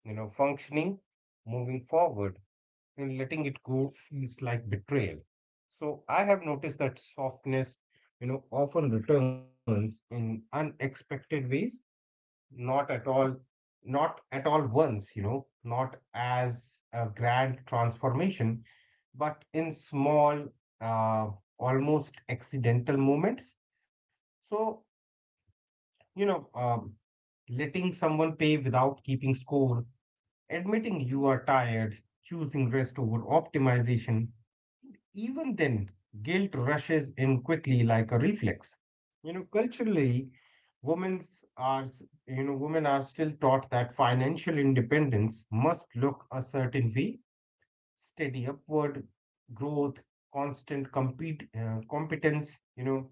B: you know, functioning, moving forward, and letting it go feels like betrayal. So I have noticed that softness, you know, often returns in unexpected ways not at all not at all once you know not as a grand transformation but in small, uh, almost accidental moments. So you know um, letting someone pay without keeping score, admitting you are tired, choosing rest over optimization. Even then, guilt rushes in quickly like a reflex. You know, culturally, women's are s- you know women are still taught that financial independence must look a certain way, steady upward growth, constant compete uh, competence. You know,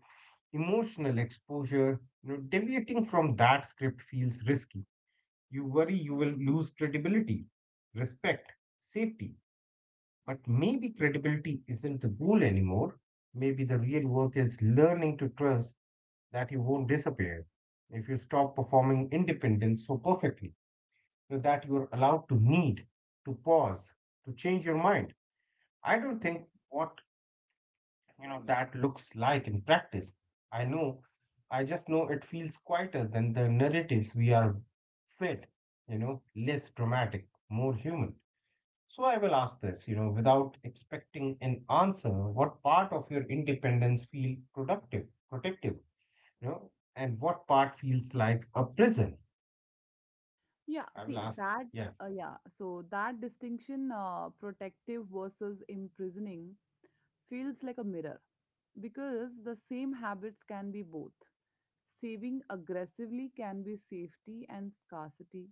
B: emotional exposure. You know, deviating from that script feels risky. You worry you will lose credibility, respect, safety. But maybe credibility isn't the goal anymore. Maybe the real work is learning to trust that you won't disappear if you stop performing independence so perfectly, so that you're allowed to need, to pause, to change your mind. I don't think what you know that looks like in practice. I know, I just know it feels quieter than the narratives we are fed, you know, less dramatic, more human. So I will ask this, you know, without expecting an answer, what part of your independence feel productive, protective, you know, and what part feels like a prison?
A: Yeah,
B: I
A: see
B: will ask,
A: that,
B: yeah.
A: uh, yeah, so that distinction, uh, protective versus imprisoning, feels like a mirror, because the same habits can be both. Saving aggressively can be safety and scarcity.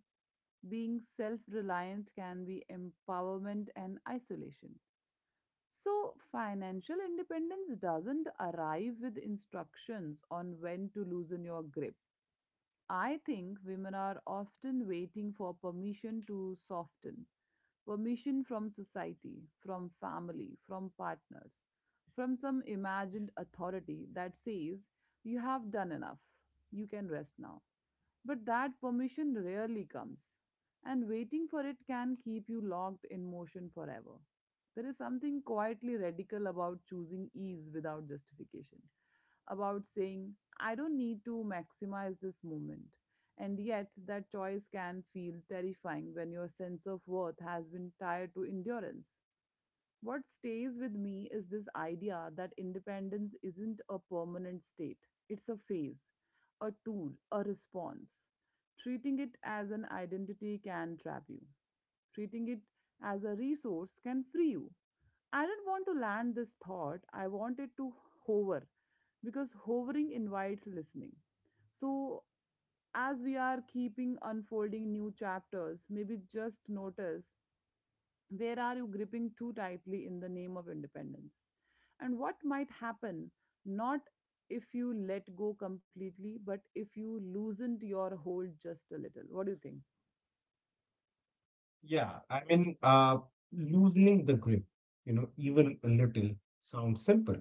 A: Being self reliant can be empowerment and isolation. So, financial independence doesn't arrive with instructions on when to loosen your grip. I think women are often waiting for permission to soften, permission from society, from family, from partners, from some imagined authority that says, you have done enough, you can rest now. But that permission rarely comes, and waiting for it can keep you locked in motion forever. There is something quietly radical about choosing ease without justification, about saying, I don't need to maximize this moment. And yet, that choice can feel terrifying when your sense of worth has been tied to endurance. What stays with me is this idea that independence isn't a permanent state, it's a phase, a tool, a response. Treating it as an identity can trap you, treating it as a resource can free you. I don't want to land this thought, I want it to hover, because hovering invites listening. So, as we are keeping unfolding new chapters, maybe just notice where are you gripping too tightly in the name of independence and what might happen not if you let go completely but if you loosened your hold just a little, what do you think?
B: Yeah, I mean, uh, loosening the grip, you know, even a little sounds simple,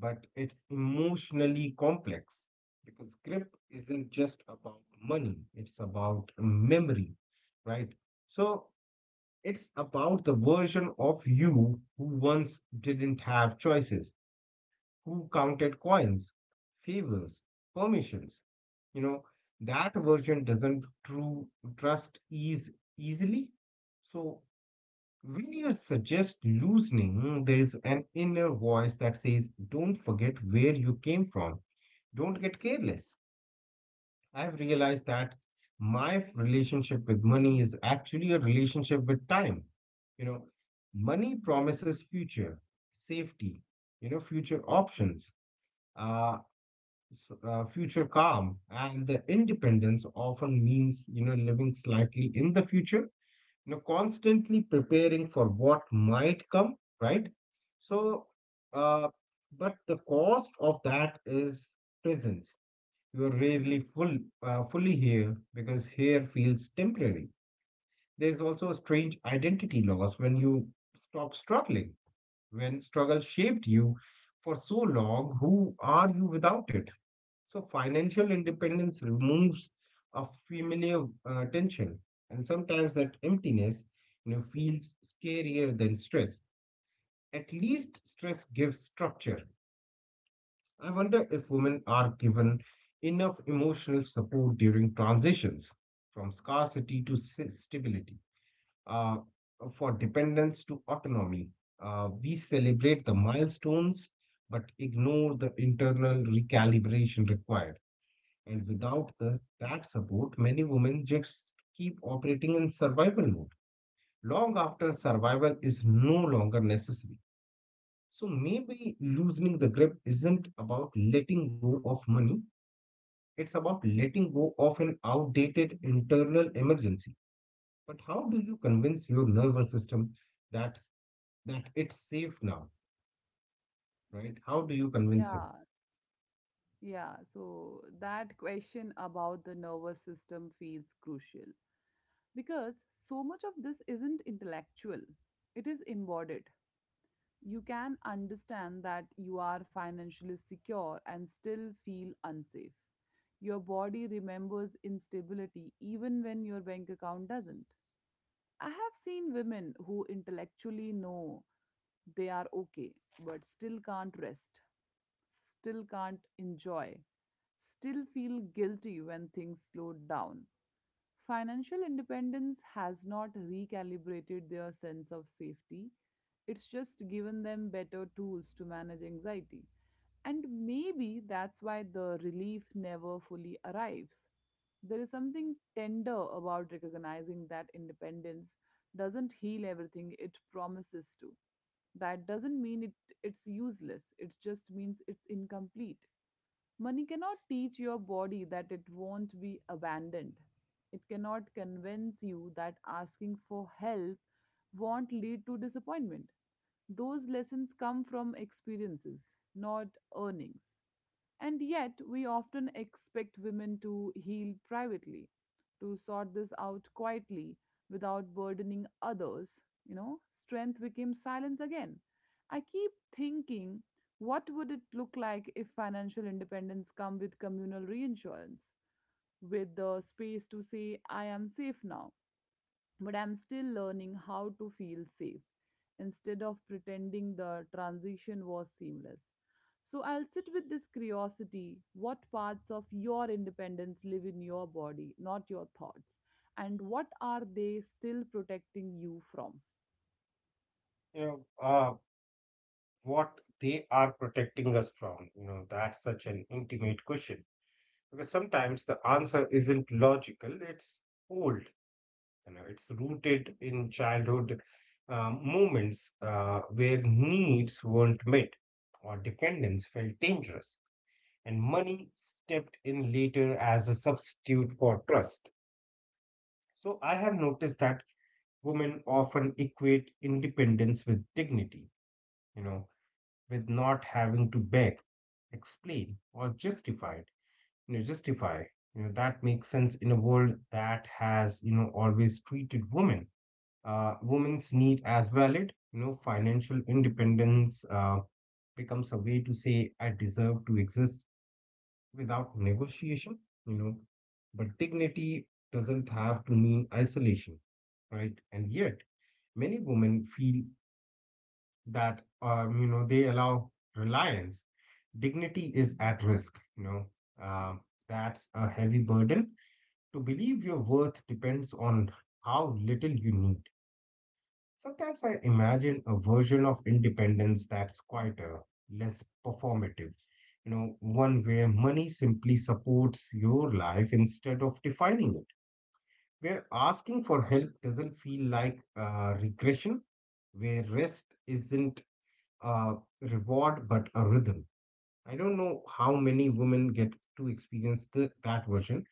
B: but it's emotionally complex because grip isn't just about money, it's about memory, right? So it's about the version of you who once didn't have choices, who counted coins, favors, permissions. You know, that version doesn't true trust ease easily. So when you suggest loosening, there is an inner voice that says, don't forget where you came from. Don't get careless. I've realized that my relationship with money is actually a relationship with time. You know, money promises future safety, you know, future options, uh, s- uh, future calm, and the independence often means, you know, living slightly in the future, you know, constantly preparing for what might come, right? So, uh, but the cost of that is presence. You're rarely full, uh, fully here because here feels temporary. There's also a strange identity loss when you stop struggling. When struggle shaped you for so long, who are you without it? So, financial independence removes a familiar uh, tension, and sometimes that emptiness, you know, feels scarier than stress. At least stress gives structure. I wonder if women are given enough emotional support during transitions from scarcity to s- stability, uh, for dependence to autonomy. Uh, we celebrate the milestones but ignore the internal recalibration required. And without the, that support, many women just keep operating in survival mode long after survival is no longer necessary. So maybe loosening the grip isn't about letting go of money, it's about letting go of an outdated internal emergency. But how do you convince your nervous system that that it's safe now, right? How do you convince him?
A: Yeah, yeah. So that question about the nervous system feels crucial because so much of this isn't intellectual, it is embodied. You can understand that you are financially secure and still feel unsafe. Your body remembers instability even when your bank account doesn't. I have seen women who intellectually know they are okay, but still can't rest, still can't enjoy, still feel guilty when things slow down. Financial independence has not recalibrated their sense of safety. It's just given them better tools to manage anxiety. And maybe that's why the relief never fully arrives. There is something tender about recognizing that independence doesn't heal everything it promises to. That doesn't mean it, it's useless, it just means it's incomplete. Money cannot teach your body that it won't be abandoned. It cannot convince you that asking for help won't lead to disappointment. Those lessons come from experiences, not earnings. And yet, we often expect women to heal privately, to sort this out quietly without burdening others. You know, strength became silence again. I keep thinking, what would it look like if financial independence come with communal reinsurance, with the space to say, I am safe now? But I'm still learning how to feel safe instead of pretending the transition was seamless. So I'll sit with this curiosity, what parts of your independence live in your body, not your thoughts, and what are they still protecting you from?
B: You know, uh, what they are protecting us from. You know, that's such an intimate question because sometimes the answer isn't logical. It's old. You know, it's rooted in childhood uh, moments uh, where needs weren't met or dependence felt dangerous. And money stepped in later as a substitute for trust. So I have noticed that women often equate independence with dignity, you know, with not having to beg, explain, or justify it, you know, justify. You know, that makes sense in a world that has, you know, always treated women, uh, women's need as valid. You know, financial independence uh, becomes a way to say, I deserve to exist without negotiation, you know, but dignity doesn't have to mean isolation, right? And yet, many women feel that, um, you know, they allow reliance. Dignity is at risk, you know. Um, that's a heavy burden. To believe your worth depends on how little you need. Sometimes I imagine a version of independence that's quieter, less performative. You know, one where money simply supports your life instead of defining it. Where asking for help doesn't feel like uh, regression, where rest isn't a reward but a rhythm. I don't know how many women get to experience the, that version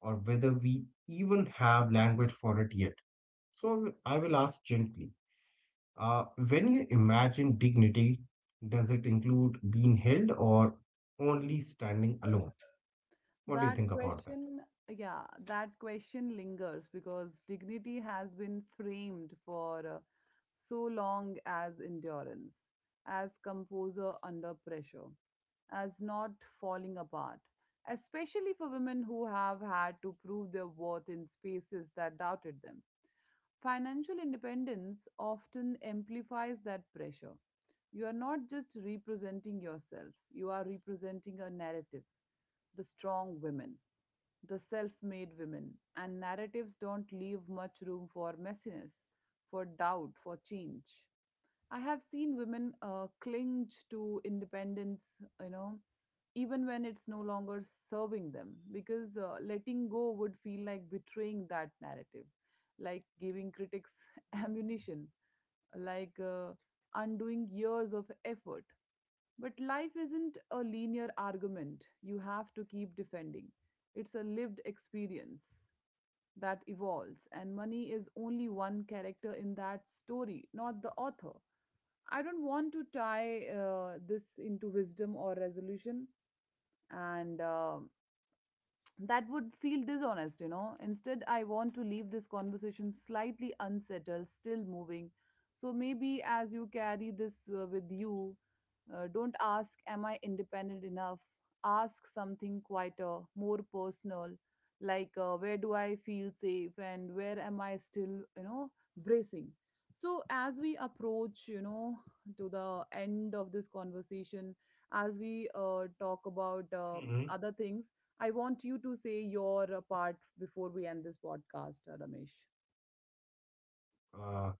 B: or whether we even have language for it yet. So I will I will ask gently, Uh, when you imagine dignity, does it include being held or only standing alone? What do you
A: That
B: think about that?
A: question, yeah, that question lingers because dignity has been framed for uh, so long as endurance, as composer under pressure, as not falling apart, especially for women who have had to prove their worth in spaces that doubted them. Financial independence often amplifies that pressure, you are not just representing yourself, you are representing a narrative. The strong women, the self made women, and narratives don't leave much room for messiness, for doubt, for change. I have seen women uh, cling to independence, you know, even when it's no longer serving them, because uh, letting go would feel like betraying that narrative, like giving critics ammunition, like uh, undoing years of effort. But life isn't a linear argument you have to keep defending, it's a lived experience that evolves, and money is only one character in that story, not the author. I don't want to tie uh, this into wisdom or resolution, and uh, that would feel dishonest, you know. Instead, I want to leave this conversation slightly unsettled, still moving. So maybe as you carry this uh, with you, uh, don't ask, am I independent enough? Ask something quieter, more personal, like uh, where do I feel safe and where am I still, you know, bracing. So, as we approach, you know, to the end of this conversation, as we uh, talk about uh,
B: Hmm.
A: other things, I want you to say your uh, part before we end this podcast, uh, Ramesh.
B: Uh,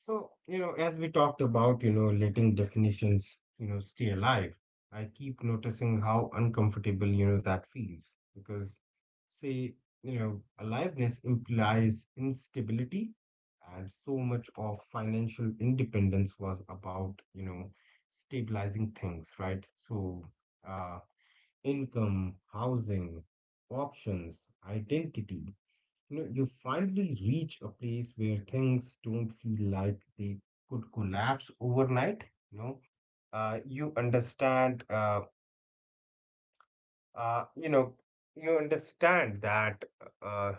B: So, you know, as we talked about, you know, letting definitions, you know, stay alive, I keep noticing how uncomfortable, you know, that feels because, say, you know, aliveness implies instability, and so much of financial independence was about, you know, stabilizing things, right? So, uh, income, housing, options, identity, you know, you finally reach a place where things don't feel like they could collapse overnight. You know, uh, you understand, uh, uh, you know, you understand that, uh,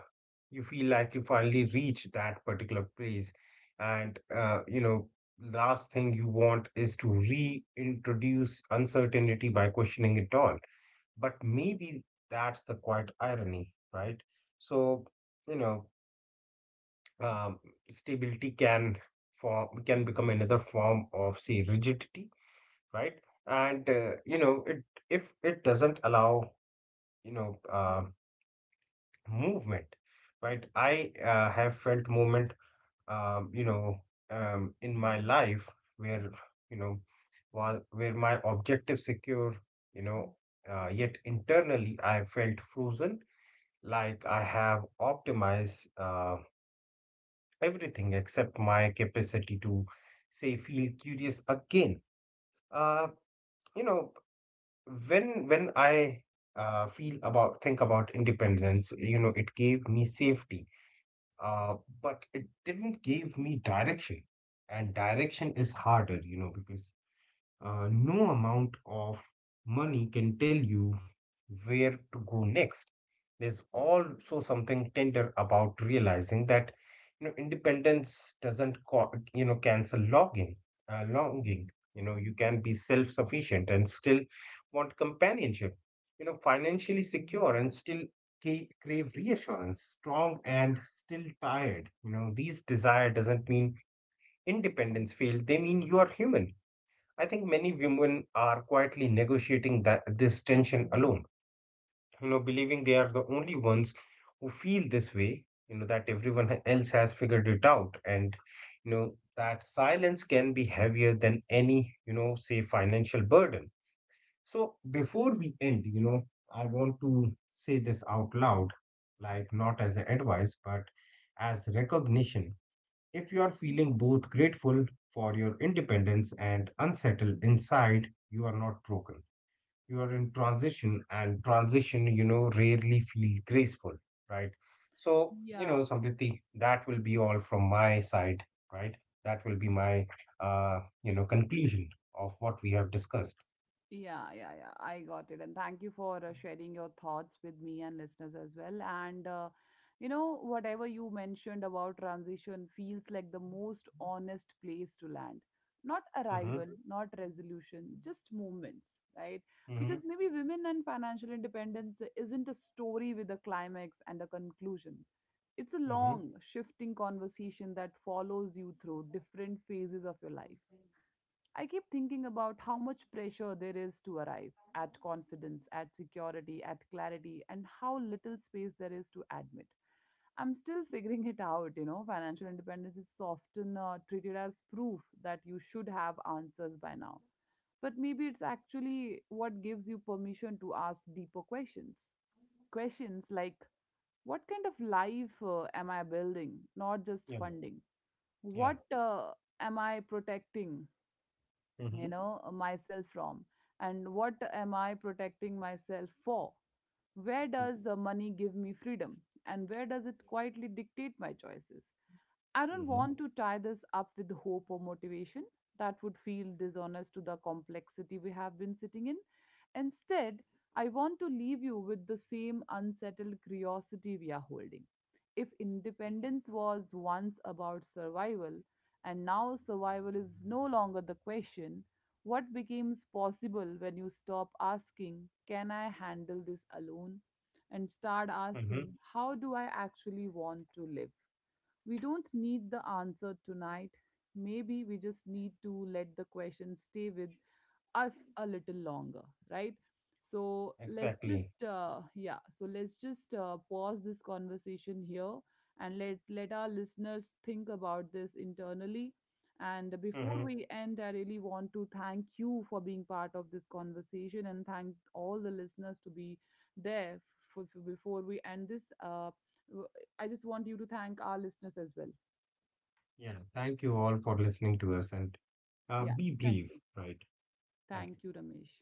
B: you feel like you finally reach that particular place, and, uh, you know, last thing you want is to reintroduce uncertainty by questioning it all. But maybe that's the quite irony, right? So, you know um, stability can form can become another form of say rigidity, right? And, uh, you know, it if it doesn't allow, you know, uh, movement, right? I, uh, have felt movement, um, you know um, in my life where, you know, while where my objective secure, you know, uh, yet internally I felt frozen, like I have optimized uh, everything except my capacity to say feel curious again. Uh, you know, when when I uh, feel about think about independence, you know, it gave me safety, uh but it didn't give me direction. And direction is harder, you know, because, uh, no amount of money can tell you where to go next. There's also something tender about realizing that, you know, independence doesn't co- you know cancel logging uh, longing. You know, you can be self-sufficient and still want companionship, you know, financially secure and still ca- crave reassurance, strong and still tired. You know, these desire doesn't mean independence failed, they mean you are human. I think many women are quietly negotiating that this tension alone, you know, believing they are the only ones who feel this way, you know, that everyone else has figured it out. And, you know, that silence can be heavier than any, you know, say financial burden. So before we end, you know, I want to say this out loud, like not as an advice but as recognition. If you are feeling both grateful for your independence and unsettled inside, you are not broken. You are in transition, and transition, you know, rarely feel graceful, right? So, you
A: Yeah.
B: know, Samriti, that will be all from my side. Right, that will be my, uh, you know, conclusion of what we have discussed.
A: Yeah, yeah, yeah. I got it. And thank you for uh, sharing your thoughts with me and listeners as well. And, uh, you know, whatever you mentioned about transition feels like the most honest place to land. Not
B: Mm-hmm.
A: arrival, not resolution, just moments, right?
B: Mm-hmm.
A: Because maybe women and financial independence isn't a story with a climax and a conclusion. It's a
B: Mm-hmm.
A: long, shifting conversation that follows you through different phases of your life. I keep thinking about how much pressure there is to arrive at confidence, at security, at clarity, and how little space there is to admit. I'm still figuring it out, you know. Financial independence is often uh, treated as proof that you should have answers by now. But maybe it's actually what gives you permission to ask deeper questions. Questions like, what kind of life uh, am I building, not just
B: Yeah.
A: funding? What
B: Yeah.
A: uh, am I protecting? You
B: Mm-hmm.
A: know, uh, myself from, and what am I protecting myself for? Where
B: Yeah.
A: does the money give me freedom, and where does it quietly dictate my choices? I don't
B: Mm-hmm.
A: want to tie this up with hope or motivation. That would feel dishonest to the complexity we have been sitting in. Instead, I want to leave you with the same unsettled curiosity we are holding. If independence was once about survival, and now survival is no longer the question, what becomes possible when you stop asking, can I handle this alone? And start
B: Mm-hmm.
A: asking, how do I actually want to live? We don't need the answer tonight. Maybe we just need to let the question stay with us a little longer, right? So let's
B: Exactly.
A: just uh, yeah so let's just uh, pause this conversation here and let let our listeners think about this internally. And before
B: Mm-hmm.
A: we end, I really want to thank you for being part of this conversation and thank all the listeners to be there. For, for before we end this uh, w- I just want you to thank our listeners as well.
B: Yeah, thank you all for listening to us, and, uh,
A: Yeah,
B: be
A: thank
B: brief,
A: you.
B: right? Thank you.
A: Thank you, Ramesh.